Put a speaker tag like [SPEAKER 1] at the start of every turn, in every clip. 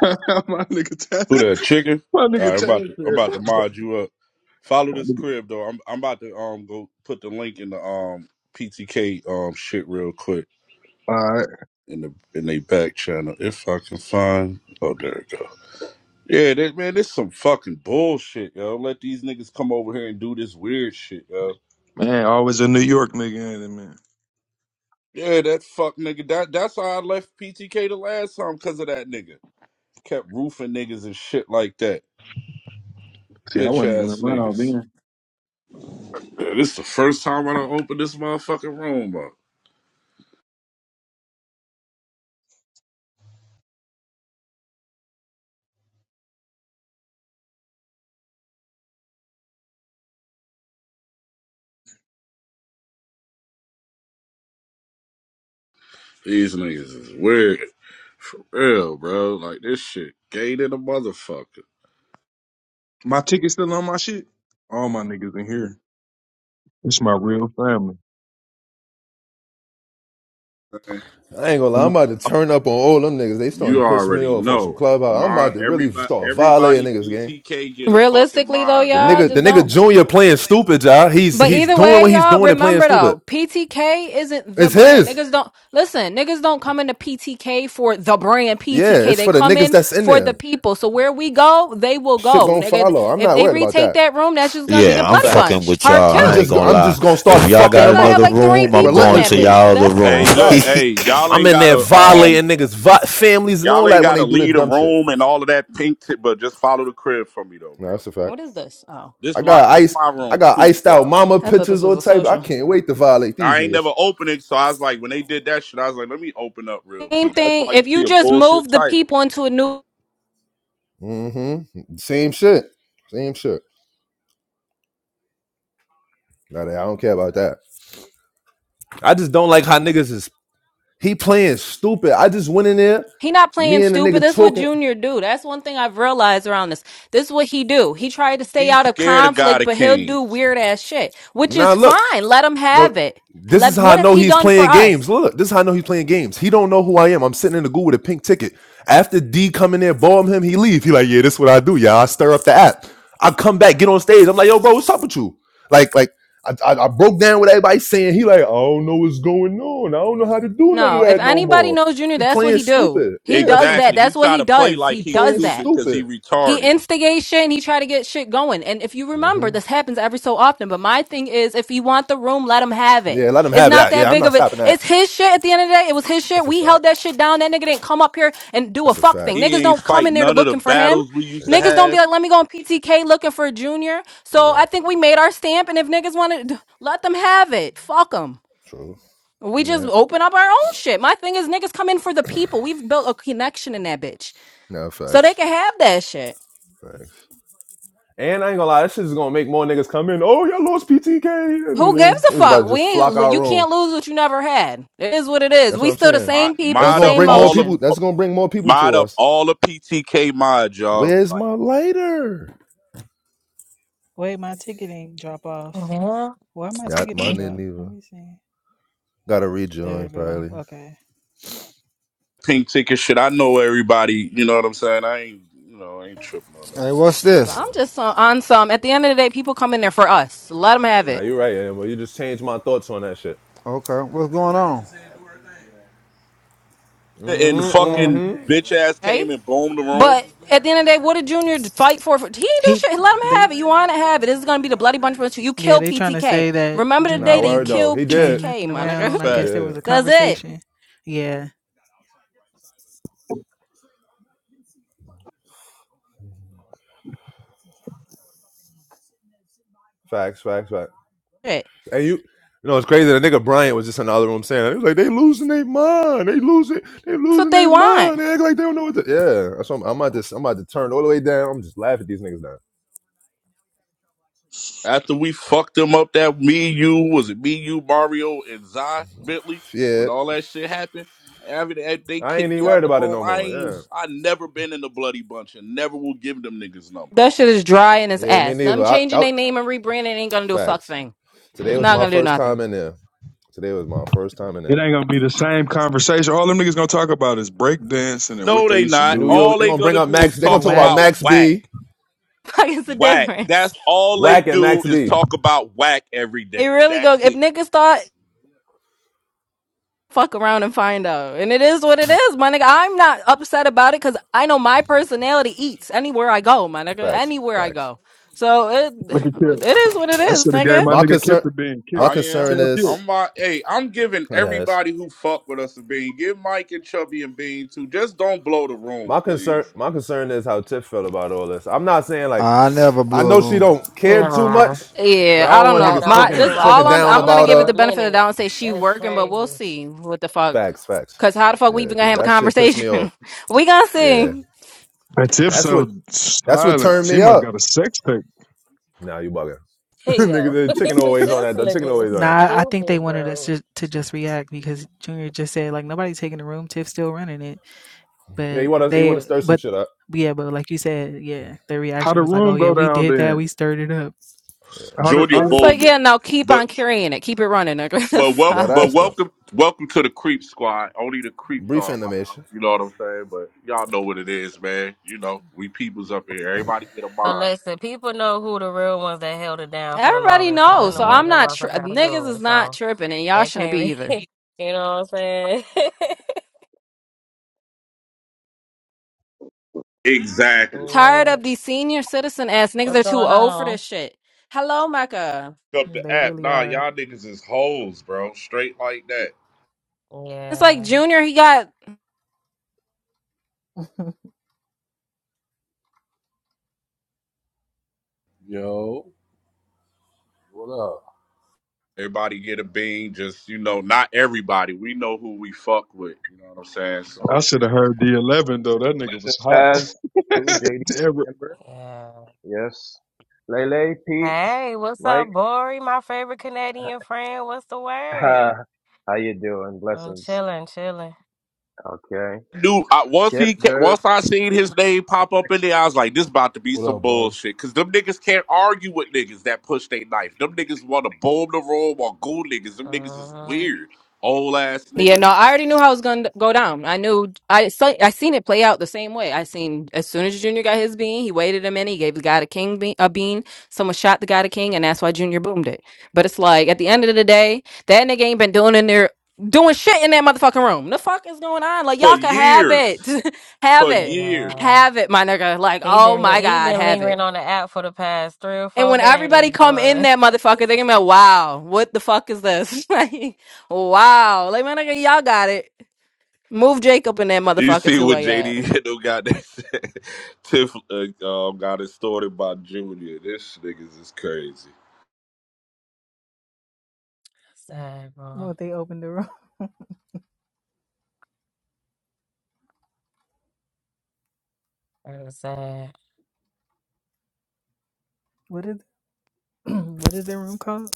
[SPEAKER 1] my nigga,
[SPEAKER 2] Who that
[SPEAKER 1] Taz-
[SPEAKER 2] chicken?
[SPEAKER 1] my
[SPEAKER 2] All
[SPEAKER 1] nigga
[SPEAKER 2] right, I'm about
[SPEAKER 1] Taz
[SPEAKER 2] to I'm about to
[SPEAKER 1] said,
[SPEAKER 2] mod you up. Follow
[SPEAKER 1] my
[SPEAKER 2] this
[SPEAKER 1] nigga.
[SPEAKER 2] crib though. I'm I'm about to um go put the link in the um PTK um shit real quick
[SPEAKER 1] All right,
[SPEAKER 2] in the in they back channel if I can find. Oh, there it go. Yeah, that man, this some fucking bullshit, yo. Let these niggas come over here and do this weird shit, yo.
[SPEAKER 1] man. Always a New York nigga in it, man.
[SPEAKER 2] Yeah, that fuck nigga. That that's why I left PTK the last time because of that nigga. Kept roofing niggas and shit like that.
[SPEAKER 1] See, I
[SPEAKER 2] Bitch
[SPEAKER 1] wasn't even
[SPEAKER 2] ass
[SPEAKER 1] around
[SPEAKER 2] niggas.
[SPEAKER 1] then.
[SPEAKER 2] Man, this is the first time I don't open this motherfucking room up. These niggas is weird. For real, bro. Like this shit gay than a motherfucker.
[SPEAKER 1] My ticket's still on my shit. All my niggas in here. It's my real family.
[SPEAKER 2] man.
[SPEAKER 3] I ain't gonna lie, I'm about to turn up on all them niggas. They starting
[SPEAKER 2] You
[SPEAKER 3] to piss me
[SPEAKER 2] already
[SPEAKER 3] off on some
[SPEAKER 2] know.
[SPEAKER 3] clubhouse. I'm
[SPEAKER 2] Mod
[SPEAKER 3] about to really
[SPEAKER 2] everybody
[SPEAKER 3] start violating
[SPEAKER 2] everybody
[SPEAKER 3] niggas game.
[SPEAKER 2] PTK get a fucking
[SPEAKER 4] Realistically though,
[SPEAKER 2] mod,
[SPEAKER 3] The
[SPEAKER 2] bro.
[SPEAKER 4] y'all
[SPEAKER 3] nigga,
[SPEAKER 4] just
[SPEAKER 3] the nigga
[SPEAKER 4] don't.
[SPEAKER 3] Junior playing stupid, y'all. He's
[SPEAKER 4] But
[SPEAKER 3] he's
[SPEAKER 4] either
[SPEAKER 3] doing
[SPEAKER 4] way,
[SPEAKER 3] what he's
[SPEAKER 4] y'all
[SPEAKER 3] doing and playing
[SPEAKER 4] remember
[SPEAKER 3] stupid.
[SPEAKER 4] though, PTK isn't the
[SPEAKER 3] It's
[SPEAKER 4] brand.
[SPEAKER 3] his.
[SPEAKER 4] Niggas don't listen. Niggas don't come into PTK for the brand
[SPEAKER 3] Yeah,
[SPEAKER 4] PTK.
[SPEAKER 3] it's
[SPEAKER 4] They
[SPEAKER 3] for the
[SPEAKER 4] come
[SPEAKER 3] niggas
[SPEAKER 4] in
[SPEAKER 3] that's in
[SPEAKER 4] for the
[SPEAKER 3] there.
[SPEAKER 4] people. So where we go, they will
[SPEAKER 3] Shit
[SPEAKER 4] go,
[SPEAKER 3] gonna
[SPEAKER 4] nigga.
[SPEAKER 3] follow. I'm
[SPEAKER 4] If
[SPEAKER 3] not
[SPEAKER 4] they
[SPEAKER 3] worried about
[SPEAKER 4] retake
[SPEAKER 3] that.
[SPEAKER 4] that room, that's just gonna be
[SPEAKER 5] Yeah,
[SPEAKER 4] the
[SPEAKER 5] I'm
[SPEAKER 4] bloody
[SPEAKER 5] fucking
[SPEAKER 3] Facts.
[SPEAKER 4] bunch
[SPEAKER 5] with
[SPEAKER 4] part
[SPEAKER 5] y'all.
[SPEAKER 3] I'm
[SPEAKER 5] I ain't
[SPEAKER 4] two.
[SPEAKER 3] just
[SPEAKER 5] gonna
[SPEAKER 3] I'm
[SPEAKER 5] lie.
[SPEAKER 3] just gonna start
[SPEAKER 5] If y'all
[SPEAKER 3] fucking
[SPEAKER 4] They
[SPEAKER 5] got
[SPEAKER 3] them
[SPEAKER 4] gonna have
[SPEAKER 5] another
[SPEAKER 3] up
[SPEAKER 4] like three
[SPEAKER 5] room, I'm
[SPEAKER 4] people in
[SPEAKER 5] going
[SPEAKER 4] that
[SPEAKER 5] to
[SPEAKER 3] relentlessly.
[SPEAKER 4] bitch.
[SPEAKER 5] y'all other
[SPEAKER 4] That's
[SPEAKER 5] room.
[SPEAKER 2] Hey,
[SPEAKER 4] fine.
[SPEAKER 2] look,
[SPEAKER 3] Facts.
[SPEAKER 2] hey, y'all
[SPEAKER 3] I'm
[SPEAKER 2] ain't
[SPEAKER 3] in there
[SPEAKER 2] gotta um
[SPEAKER 3] violating niggas, vi- families, and
[SPEAKER 2] y'all
[SPEAKER 3] all
[SPEAKER 2] ain't
[SPEAKER 3] that when
[SPEAKER 2] gotta
[SPEAKER 3] they do the
[SPEAKER 2] leave the
[SPEAKER 3] dumb shit.
[SPEAKER 2] room and all of that pink tip, but just follow the crib for me though,
[SPEAKER 3] No,
[SPEAKER 2] bro.
[SPEAKER 3] that's a fact.
[SPEAKER 4] What is this? Oh,
[SPEAKER 2] This
[SPEAKER 3] I
[SPEAKER 2] my
[SPEAKER 3] got
[SPEAKER 2] this
[SPEAKER 3] ice.
[SPEAKER 2] my
[SPEAKER 3] I
[SPEAKER 2] room,
[SPEAKER 3] got
[SPEAKER 2] Queep
[SPEAKER 3] iced out
[SPEAKER 2] Squad.
[SPEAKER 3] mama
[SPEAKER 4] I thought this
[SPEAKER 3] pictures
[SPEAKER 4] was
[SPEAKER 3] or
[SPEAKER 4] a
[SPEAKER 3] type. I
[SPEAKER 4] social.
[SPEAKER 3] can't wait to violate these
[SPEAKER 2] I ain't
[SPEAKER 3] niggas.
[SPEAKER 2] never opened it, so I was like, when they did that shit, I was like, let me open up real
[SPEAKER 4] Same
[SPEAKER 2] quick. That's
[SPEAKER 4] thing.
[SPEAKER 2] why you
[SPEAKER 4] If you
[SPEAKER 2] see a
[SPEAKER 4] just
[SPEAKER 2] bullshit
[SPEAKER 4] move the
[SPEAKER 2] title.
[SPEAKER 4] people into a new
[SPEAKER 3] Mm-hmm. Same shit. Same shit. Nah, nah, I don't care about that. I just don't like how niggas is he playing stupid. I just went in there,
[SPEAKER 4] He not playing
[SPEAKER 3] me and the
[SPEAKER 4] stupid.
[SPEAKER 3] nigga
[SPEAKER 4] That's what
[SPEAKER 3] talking.
[SPEAKER 4] Junior do. That's one thing I've realized around this. This is what he do. He tried to stay
[SPEAKER 2] He's
[SPEAKER 4] out of
[SPEAKER 2] scared of
[SPEAKER 4] conflict,
[SPEAKER 2] God of
[SPEAKER 4] but he'll do
[SPEAKER 2] Kings.
[SPEAKER 4] weird ass shit, which
[SPEAKER 3] Now
[SPEAKER 4] is
[SPEAKER 3] look,
[SPEAKER 4] fine. Let him
[SPEAKER 3] No,
[SPEAKER 4] have it.
[SPEAKER 3] this is
[SPEAKER 4] Let
[SPEAKER 3] how
[SPEAKER 4] what
[SPEAKER 3] I
[SPEAKER 4] has
[SPEAKER 3] know
[SPEAKER 4] he
[SPEAKER 3] he's
[SPEAKER 4] done for
[SPEAKER 3] playing games.
[SPEAKER 4] us?
[SPEAKER 3] Look, this is how I know he's playing games. He don't know who I am. I'm sitting in the goo with a pink ticket. After D come in there, bomb him, he leave. He like, yeah, this is what I do, y'all. I stir up the app. I come back, get on stage. I'm like, yo, bro, what's up with you? Like, like I, I, I broke down with everybody saying he like, I don't know what's going on. I don't know how to do none of
[SPEAKER 4] No, if
[SPEAKER 3] that no
[SPEAKER 4] anybody
[SPEAKER 3] more.
[SPEAKER 4] knows Junior,
[SPEAKER 3] He
[SPEAKER 4] that's what
[SPEAKER 3] playing
[SPEAKER 4] he do.
[SPEAKER 3] stupid.
[SPEAKER 4] He
[SPEAKER 3] Yeah, that's what
[SPEAKER 4] does
[SPEAKER 3] I'm
[SPEAKER 4] that.
[SPEAKER 3] saying.
[SPEAKER 2] Exactly. He
[SPEAKER 4] That's what
[SPEAKER 2] try
[SPEAKER 4] he
[SPEAKER 2] to play
[SPEAKER 4] does.
[SPEAKER 2] like
[SPEAKER 4] He
[SPEAKER 3] He
[SPEAKER 2] he's
[SPEAKER 4] does
[SPEAKER 3] playing
[SPEAKER 4] that.
[SPEAKER 2] stupid because he
[SPEAKER 3] stupid.
[SPEAKER 4] He
[SPEAKER 2] retarded.
[SPEAKER 4] instigates shit and he try to get shit going. And if you
[SPEAKER 3] hmm
[SPEAKER 4] remember, this happens every so often. But my thing is, if you want the room, let him have it.
[SPEAKER 3] Yeah, let him
[SPEAKER 4] It's
[SPEAKER 3] have
[SPEAKER 4] not
[SPEAKER 3] that.
[SPEAKER 4] that
[SPEAKER 3] Yeah, I'm
[SPEAKER 4] big
[SPEAKER 3] not
[SPEAKER 4] of it.
[SPEAKER 3] stopping that.
[SPEAKER 4] It's his shit at the end of the day. It was his shit.
[SPEAKER 3] That's a
[SPEAKER 4] We
[SPEAKER 3] fact.
[SPEAKER 4] held that shit down. That nigga didn't come up here and do a
[SPEAKER 3] That's a
[SPEAKER 4] fuck
[SPEAKER 3] fact.
[SPEAKER 4] thing.
[SPEAKER 2] He
[SPEAKER 4] Niggas
[SPEAKER 2] ain't
[SPEAKER 4] don't come
[SPEAKER 3] That's
[SPEAKER 2] fight
[SPEAKER 4] in
[SPEAKER 3] a
[SPEAKER 4] there to
[SPEAKER 2] none
[SPEAKER 3] fact.
[SPEAKER 2] of the
[SPEAKER 4] looking for him.
[SPEAKER 2] battles we
[SPEAKER 3] Yeah,
[SPEAKER 2] used to
[SPEAKER 4] Niggas don't be
[SPEAKER 2] have.
[SPEAKER 4] like, let me go on PTK looking for a junior.
[SPEAKER 3] you're
[SPEAKER 4] So I
[SPEAKER 3] right.
[SPEAKER 4] think we made our stamp. And if niggas want to, let them have it. Fuck them.
[SPEAKER 3] True.
[SPEAKER 4] We
[SPEAKER 3] All
[SPEAKER 4] just
[SPEAKER 3] right.
[SPEAKER 4] open up our own shit. My thing is, niggas come in for the people. We've built a connection in that bitch.
[SPEAKER 3] No,
[SPEAKER 4] So they
[SPEAKER 3] facts.
[SPEAKER 4] can have that shit.
[SPEAKER 3] Facts. And I ain't gonna lie, this shit is gonna make more niggas come in. Oh, y'all lost PTK.
[SPEAKER 4] Who
[SPEAKER 3] And then
[SPEAKER 4] gives a
[SPEAKER 3] niggas about
[SPEAKER 4] fuck?
[SPEAKER 3] to
[SPEAKER 4] We
[SPEAKER 3] just flock
[SPEAKER 4] ain't,
[SPEAKER 3] our
[SPEAKER 4] you
[SPEAKER 3] room.
[SPEAKER 4] can't lose what you never had. It is what it is.
[SPEAKER 3] That's
[SPEAKER 4] We
[SPEAKER 3] what I'm
[SPEAKER 4] still the
[SPEAKER 3] saying.
[SPEAKER 2] Mod,
[SPEAKER 4] same people,
[SPEAKER 3] That's
[SPEAKER 2] mod
[SPEAKER 3] gonna
[SPEAKER 2] up
[SPEAKER 4] same
[SPEAKER 3] bring more
[SPEAKER 2] all the
[SPEAKER 3] people.
[SPEAKER 4] motion.
[SPEAKER 3] That's gonna bring more people
[SPEAKER 2] mod
[SPEAKER 3] to
[SPEAKER 2] up
[SPEAKER 3] us.
[SPEAKER 2] all the PTK mods, y'all.
[SPEAKER 3] Where's
[SPEAKER 2] Like
[SPEAKER 3] my lighter?
[SPEAKER 6] Wait, my ticket didn't drop off.
[SPEAKER 7] Uh-huh.
[SPEAKER 6] Why my
[SPEAKER 3] Yeah,
[SPEAKER 6] ticket
[SPEAKER 7] Yeah.
[SPEAKER 6] didn't
[SPEAKER 3] mine didn't
[SPEAKER 6] drop? Let
[SPEAKER 3] either.
[SPEAKER 6] me see.
[SPEAKER 3] Gotta
[SPEAKER 6] There
[SPEAKER 3] rejoin
[SPEAKER 6] it go.
[SPEAKER 3] probably.
[SPEAKER 6] Okay.
[SPEAKER 2] pink ticket shit. I know everybody. You know what I'm saying? I ain't you know I ain't tripping on that
[SPEAKER 8] Hey, what's
[SPEAKER 2] shit.
[SPEAKER 4] Yeah,
[SPEAKER 3] Yeah.
[SPEAKER 4] but
[SPEAKER 8] this?
[SPEAKER 4] I'm just on, on some. At the end of the day, people come in there for us. Let them have
[SPEAKER 3] Now
[SPEAKER 4] it,
[SPEAKER 3] you're right, Amber. You just changed my thoughts on that shit.
[SPEAKER 8] Okay, what's going on?
[SPEAKER 2] And
[SPEAKER 3] Mm-hmm.
[SPEAKER 2] fucking
[SPEAKER 3] Mm-hmm.
[SPEAKER 2] bitch ass
[SPEAKER 4] right?
[SPEAKER 2] came and boomed the room.
[SPEAKER 4] But at the end of the day, what did Junior fight for? for he didn't do
[SPEAKER 6] He
[SPEAKER 4] shit. Let him
[SPEAKER 6] they
[SPEAKER 4] have it. You want to have it. This is gonna be the bloody bunch of you. You
[SPEAKER 6] yeah,
[SPEAKER 4] kill
[SPEAKER 6] they trying to
[SPEAKER 4] PTK.
[SPEAKER 6] say that
[SPEAKER 4] Remember the
[SPEAKER 6] Junior
[SPEAKER 4] day
[SPEAKER 3] Nah,
[SPEAKER 4] that you
[SPEAKER 3] word
[SPEAKER 6] didn't
[SPEAKER 3] though.
[SPEAKER 4] killed
[SPEAKER 3] He
[SPEAKER 6] change
[SPEAKER 3] did.
[SPEAKER 4] PTK,
[SPEAKER 6] nothing
[SPEAKER 4] my
[SPEAKER 2] That's a
[SPEAKER 4] nigga.
[SPEAKER 6] around. I
[SPEAKER 3] He
[SPEAKER 2] fact.
[SPEAKER 6] guess there
[SPEAKER 3] did.
[SPEAKER 6] was a
[SPEAKER 4] That's it.
[SPEAKER 6] conversation. Yeah.
[SPEAKER 3] Facts, facts, facts.
[SPEAKER 4] shit.
[SPEAKER 3] And you, you know, it's crazy. The nigga Bryant was just in the other room saying, that. he was like, they losing their mind. They losing, they
[SPEAKER 4] That's what
[SPEAKER 3] losing
[SPEAKER 4] they
[SPEAKER 3] their
[SPEAKER 4] want.
[SPEAKER 3] mind. They act like they don't know what to. Yeah, that's what I'm, I'm about to, I'm about to turn all the way down. I'm just laughing at these niggas now.
[SPEAKER 2] After we fucked them up, that me, you, was it me, you, Mario, and Zion Bentley,
[SPEAKER 3] Yeah,
[SPEAKER 2] when all that shit happened, after that, they they
[SPEAKER 3] I ain't
[SPEAKER 2] kicked
[SPEAKER 3] even
[SPEAKER 2] me out
[SPEAKER 3] worried
[SPEAKER 2] the
[SPEAKER 3] about it
[SPEAKER 2] room.
[SPEAKER 3] no
[SPEAKER 2] I
[SPEAKER 3] more.
[SPEAKER 2] ain't,
[SPEAKER 3] Yeah,
[SPEAKER 2] I never been in the bloody bunch and never will give them niggas
[SPEAKER 4] That
[SPEAKER 2] numbers.
[SPEAKER 4] shit is dry in his
[SPEAKER 3] yeah, me
[SPEAKER 4] ass.
[SPEAKER 3] neither.
[SPEAKER 4] Them
[SPEAKER 3] I,
[SPEAKER 4] changing
[SPEAKER 3] I,
[SPEAKER 4] their name and rebranding ain't gonna do a fuck
[SPEAKER 3] facts.
[SPEAKER 4] thing.
[SPEAKER 3] Today
[SPEAKER 4] It's
[SPEAKER 3] was
[SPEAKER 4] not
[SPEAKER 3] my
[SPEAKER 4] gonna do
[SPEAKER 3] first time
[SPEAKER 4] nothing.
[SPEAKER 3] in there. Today was my first time in
[SPEAKER 1] It
[SPEAKER 3] there.
[SPEAKER 1] ain't gonna be the same conversation. All them niggas gonna talk about is breakdancing and what
[SPEAKER 2] No,
[SPEAKER 1] they
[SPEAKER 2] they
[SPEAKER 1] used to
[SPEAKER 2] not.
[SPEAKER 3] New
[SPEAKER 1] do. And
[SPEAKER 2] All
[SPEAKER 3] York,
[SPEAKER 1] if
[SPEAKER 3] they are
[SPEAKER 2] they
[SPEAKER 3] gonna bring
[SPEAKER 2] gonna
[SPEAKER 3] up
[SPEAKER 2] do is
[SPEAKER 3] Max. they are gonna
[SPEAKER 6] And
[SPEAKER 2] talk
[SPEAKER 3] talk about
[SPEAKER 6] whack.
[SPEAKER 2] about
[SPEAKER 3] Max
[SPEAKER 2] whack,
[SPEAKER 3] B.
[SPEAKER 4] Fuck is the
[SPEAKER 2] whack.
[SPEAKER 4] difference.
[SPEAKER 2] That's all they
[SPEAKER 3] Whack at
[SPEAKER 2] do
[SPEAKER 3] Max
[SPEAKER 2] is
[SPEAKER 3] B.
[SPEAKER 2] talk about whack every
[SPEAKER 4] They
[SPEAKER 2] day.
[SPEAKER 4] really go
[SPEAKER 2] That's
[SPEAKER 4] if
[SPEAKER 2] it.
[SPEAKER 4] niggas thought fuck around and find out. And it is what it is, my nigga. I'm not upset about it because I know my personality eats anywhere I go, my nigga.
[SPEAKER 3] Facts,
[SPEAKER 4] Anywhere I
[SPEAKER 3] facts.
[SPEAKER 4] go. So it
[SPEAKER 1] look at Kip,
[SPEAKER 4] it is what it
[SPEAKER 1] I
[SPEAKER 4] is,
[SPEAKER 1] should have gave
[SPEAKER 4] nigga.
[SPEAKER 1] my
[SPEAKER 3] My
[SPEAKER 1] nigga Kip
[SPEAKER 3] concern,
[SPEAKER 1] the being Kip.
[SPEAKER 3] my
[SPEAKER 2] I am.
[SPEAKER 3] concern
[SPEAKER 1] Tell Kip.
[SPEAKER 2] I'm
[SPEAKER 3] is,
[SPEAKER 2] my hey, I'm giving
[SPEAKER 3] it has.
[SPEAKER 2] everybody who fuck with us a bean. Give Mike and Chubby and Bean too. Just don't blow the room,
[SPEAKER 3] My
[SPEAKER 2] please.
[SPEAKER 3] concern, my concern is how Tiff felt about all this. I'm not saying like,
[SPEAKER 8] I never
[SPEAKER 3] I
[SPEAKER 8] blew a
[SPEAKER 3] know she
[SPEAKER 8] room.
[SPEAKER 3] don't care too
[SPEAKER 7] Nah.
[SPEAKER 3] much, but
[SPEAKER 4] Yeah,
[SPEAKER 3] I
[SPEAKER 4] I
[SPEAKER 3] don't
[SPEAKER 4] don't
[SPEAKER 3] want
[SPEAKER 7] Y'all
[SPEAKER 4] know.
[SPEAKER 3] niggas
[SPEAKER 7] know I've
[SPEAKER 4] My
[SPEAKER 7] been
[SPEAKER 4] this
[SPEAKER 3] talking
[SPEAKER 7] rocking
[SPEAKER 4] all
[SPEAKER 3] talking
[SPEAKER 7] with
[SPEAKER 4] I'm
[SPEAKER 3] down
[SPEAKER 4] I'm
[SPEAKER 7] y'all
[SPEAKER 4] gonna
[SPEAKER 7] for a
[SPEAKER 3] about
[SPEAKER 4] give it the
[SPEAKER 3] her.
[SPEAKER 7] little
[SPEAKER 4] benefit of the
[SPEAKER 7] minute.
[SPEAKER 4] doubt and say she
[SPEAKER 7] That's
[SPEAKER 4] working, but we'll
[SPEAKER 7] crazy.
[SPEAKER 4] see what the fuck.
[SPEAKER 3] Facts, facts.
[SPEAKER 4] Cause how the fuck we
[SPEAKER 3] Yeah,
[SPEAKER 4] even gonna
[SPEAKER 3] because
[SPEAKER 4] have a
[SPEAKER 3] that shit pissed me
[SPEAKER 4] conversation?
[SPEAKER 3] off.
[SPEAKER 4] we gonna
[SPEAKER 3] Yeah,
[SPEAKER 4] see.
[SPEAKER 1] And Tip
[SPEAKER 3] that's
[SPEAKER 1] so
[SPEAKER 3] what that's what
[SPEAKER 1] silent.
[SPEAKER 3] turned
[SPEAKER 1] She
[SPEAKER 3] me
[SPEAKER 1] must
[SPEAKER 3] up.
[SPEAKER 1] got a sex tape.
[SPEAKER 3] Nah, you bugging.
[SPEAKER 7] Hey,
[SPEAKER 3] Nigga,
[SPEAKER 7] yo.
[SPEAKER 3] the chicken always on
[SPEAKER 7] this
[SPEAKER 3] that. The chicken
[SPEAKER 7] nigga
[SPEAKER 3] always on
[SPEAKER 7] is
[SPEAKER 3] that.
[SPEAKER 6] Nah, I think they
[SPEAKER 7] stupid,
[SPEAKER 6] wanted us
[SPEAKER 7] bro.
[SPEAKER 6] just to just react because Junior just said like nobody's taking the room, Tiff still running it.
[SPEAKER 3] Yeah, you
[SPEAKER 6] But
[SPEAKER 3] want to you want to
[SPEAKER 6] they
[SPEAKER 3] stir some
[SPEAKER 6] but
[SPEAKER 3] shit up.
[SPEAKER 6] yeah, but like you said, yeah, their
[SPEAKER 1] How
[SPEAKER 6] reaction
[SPEAKER 1] the
[SPEAKER 6] was like, Oh
[SPEAKER 1] room
[SPEAKER 6] yeah,
[SPEAKER 1] go
[SPEAKER 6] we
[SPEAKER 1] down
[SPEAKER 6] did that,
[SPEAKER 1] then?
[SPEAKER 6] we stirred it up.
[SPEAKER 1] How the
[SPEAKER 2] Jordy
[SPEAKER 1] how the
[SPEAKER 4] It's like
[SPEAKER 2] Bowden.
[SPEAKER 4] yeah, no, keep
[SPEAKER 2] But
[SPEAKER 4] on carrying it, keep it running. Like, what the
[SPEAKER 2] but wel-
[SPEAKER 3] That
[SPEAKER 4] fuck?
[SPEAKER 2] but
[SPEAKER 3] ass stuff.
[SPEAKER 2] welcome welcome to the creep squad. Only the creeps
[SPEAKER 3] Brief
[SPEAKER 2] are allowed.
[SPEAKER 3] animation.
[SPEAKER 2] You know what I'm saying? But y'all know what it is, man. You know, we peoples up here. Everybody get a
[SPEAKER 7] But
[SPEAKER 2] mind.
[SPEAKER 7] listen, people know who the real ones that held it down for the
[SPEAKER 4] Everybody
[SPEAKER 7] longest. So they're
[SPEAKER 4] knows,
[SPEAKER 7] the
[SPEAKER 4] so
[SPEAKER 3] Mm-hmm.
[SPEAKER 7] ones
[SPEAKER 4] I'm
[SPEAKER 7] that
[SPEAKER 4] not tri-
[SPEAKER 7] motherfuckers have to
[SPEAKER 4] niggas
[SPEAKER 7] do
[SPEAKER 4] is
[SPEAKER 7] it.
[SPEAKER 4] not
[SPEAKER 7] So
[SPEAKER 4] tripping, and y'all
[SPEAKER 7] that
[SPEAKER 4] shouldn't
[SPEAKER 7] can't
[SPEAKER 4] be either.
[SPEAKER 7] really, you know what I'm saying?
[SPEAKER 2] Exactly.
[SPEAKER 4] Tired
[SPEAKER 7] yeah.
[SPEAKER 4] of these senior citizen ass niggas
[SPEAKER 7] What's
[SPEAKER 4] are too
[SPEAKER 7] going
[SPEAKER 4] old for
[SPEAKER 7] on?
[SPEAKER 4] this shit. Hello, Mecca.
[SPEAKER 2] Up the
[SPEAKER 6] They
[SPEAKER 2] app.
[SPEAKER 6] really
[SPEAKER 2] Nah,
[SPEAKER 6] are.
[SPEAKER 2] y'all niggas is hoes, bro. Straight like that.
[SPEAKER 4] It's like
[SPEAKER 7] Yeah.
[SPEAKER 4] Junior. He got
[SPEAKER 9] Yo, what up?
[SPEAKER 2] Everybody get a bean, just you know, not everybody. We know who we fuck with. You know what I'm saying? So
[SPEAKER 1] I should have heard D11 though. That nigga was
[SPEAKER 10] Blessings,
[SPEAKER 1] hot.
[SPEAKER 10] Taz, Boo, JD,
[SPEAKER 1] Damn,
[SPEAKER 10] Amber.
[SPEAKER 7] Yeah.
[SPEAKER 10] Yes. Lele, Peach,
[SPEAKER 7] Hey, what's
[SPEAKER 10] Mike.
[SPEAKER 7] up, Bori? My favorite Canadian friend. What's the word?
[SPEAKER 10] how you doing?
[SPEAKER 7] I'm
[SPEAKER 10] Blessings.
[SPEAKER 7] chilling, chilling.
[SPEAKER 10] Okay.
[SPEAKER 2] knew I, once
[SPEAKER 10] Kip,
[SPEAKER 2] he ca-
[SPEAKER 10] Jared.
[SPEAKER 2] once I seen his name pop up in there, I was like, "This about to be
[SPEAKER 9] What
[SPEAKER 2] some
[SPEAKER 9] up, boy?
[SPEAKER 2] bullshit." Because them niggas can't argue with niggas that push they knife. Them niggas want to bomb the room or go niggas. Them niggas is
[SPEAKER 7] Uh,
[SPEAKER 2] weird, old ass
[SPEAKER 4] Yeah,
[SPEAKER 2] niggas.
[SPEAKER 4] no, I already knew how it was gonna go down. I knew I saw, I seen it play out the same way. I seen as soon as Junior got his bean, he waited a minute, he gave the guy the king bean, a bean. Someone shot the guy the king, and that's why Junior boomed it. But it's like at the end of the day, that nigga ain't been doing in there doing shit in that motherfucking room. The fuck is going on? Like
[SPEAKER 2] For
[SPEAKER 4] y'all can have
[SPEAKER 2] years,
[SPEAKER 4] it, have
[SPEAKER 2] for
[SPEAKER 4] it,
[SPEAKER 7] yeah.
[SPEAKER 2] years,
[SPEAKER 4] have it, my nigga. Like
[SPEAKER 7] He
[SPEAKER 4] oh
[SPEAKER 7] been
[SPEAKER 4] my
[SPEAKER 7] he
[SPEAKER 4] god,
[SPEAKER 7] been
[SPEAKER 4] have it.
[SPEAKER 7] lingering on the app for the past three or
[SPEAKER 4] And
[SPEAKER 7] four
[SPEAKER 4] when
[SPEAKER 7] days,
[SPEAKER 4] everybody come in
[SPEAKER 7] boy.
[SPEAKER 4] that motherfucker, they gonna be like, wow, what the fuck is this? like, wow, like my nigga, y'all got it. Move Jacob and that
[SPEAKER 2] you
[SPEAKER 4] motherfucker
[SPEAKER 2] see
[SPEAKER 4] to
[SPEAKER 2] what
[SPEAKER 4] a yard.
[SPEAKER 2] JD hit them got that said. Tiff uh, um, got it started by Junior. This niggas is crazy.
[SPEAKER 7] Sad, bro.
[SPEAKER 6] Well, they opened the room.
[SPEAKER 7] That is sad.
[SPEAKER 6] What is what is that room called?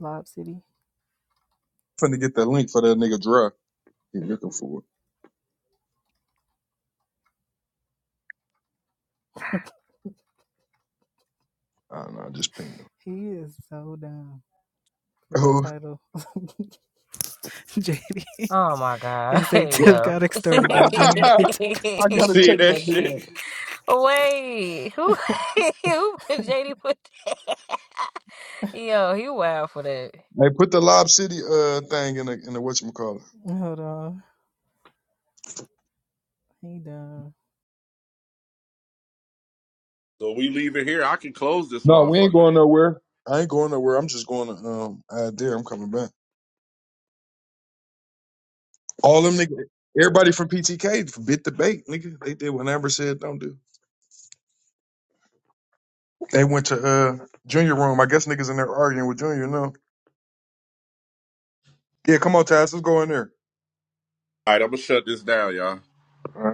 [SPEAKER 6] Lob City.
[SPEAKER 1] finna get that link for that nigga dry. He looking for it. I don't know. Just ping him.
[SPEAKER 6] He is so dumb for that
[SPEAKER 1] Oh,
[SPEAKER 6] title. JD.
[SPEAKER 7] Oh my God.
[SPEAKER 6] It's a tip
[SPEAKER 7] Yo.
[SPEAKER 6] got extorted by Junior. They took me
[SPEAKER 1] I
[SPEAKER 6] to
[SPEAKER 2] You
[SPEAKER 1] gotta
[SPEAKER 2] see
[SPEAKER 1] check my
[SPEAKER 2] that
[SPEAKER 1] nigga.
[SPEAKER 2] shit?
[SPEAKER 1] out.
[SPEAKER 7] Wait. Who, who put JD put that? Yo, he wild for that.
[SPEAKER 1] Hey, put the Lob City uh thing in the in the whatchamacallit.
[SPEAKER 6] Hold on. He dumb.
[SPEAKER 2] So we leaving here. I can close this
[SPEAKER 1] No, we ain't
[SPEAKER 2] motherfucker.
[SPEAKER 1] going nowhere. I ain't going nowhere. I'm just going to um out there. I'm coming back. All them niggas, everybody from PTK bit the bait, nigga. They did what Amber said don't do. They went to uh Junior room. I guess niggas in there arguing with Junior. No, yeah, come on, Taz, let's go in there.
[SPEAKER 2] All right, I'm gonna shut this down, y'all.
[SPEAKER 1] All right.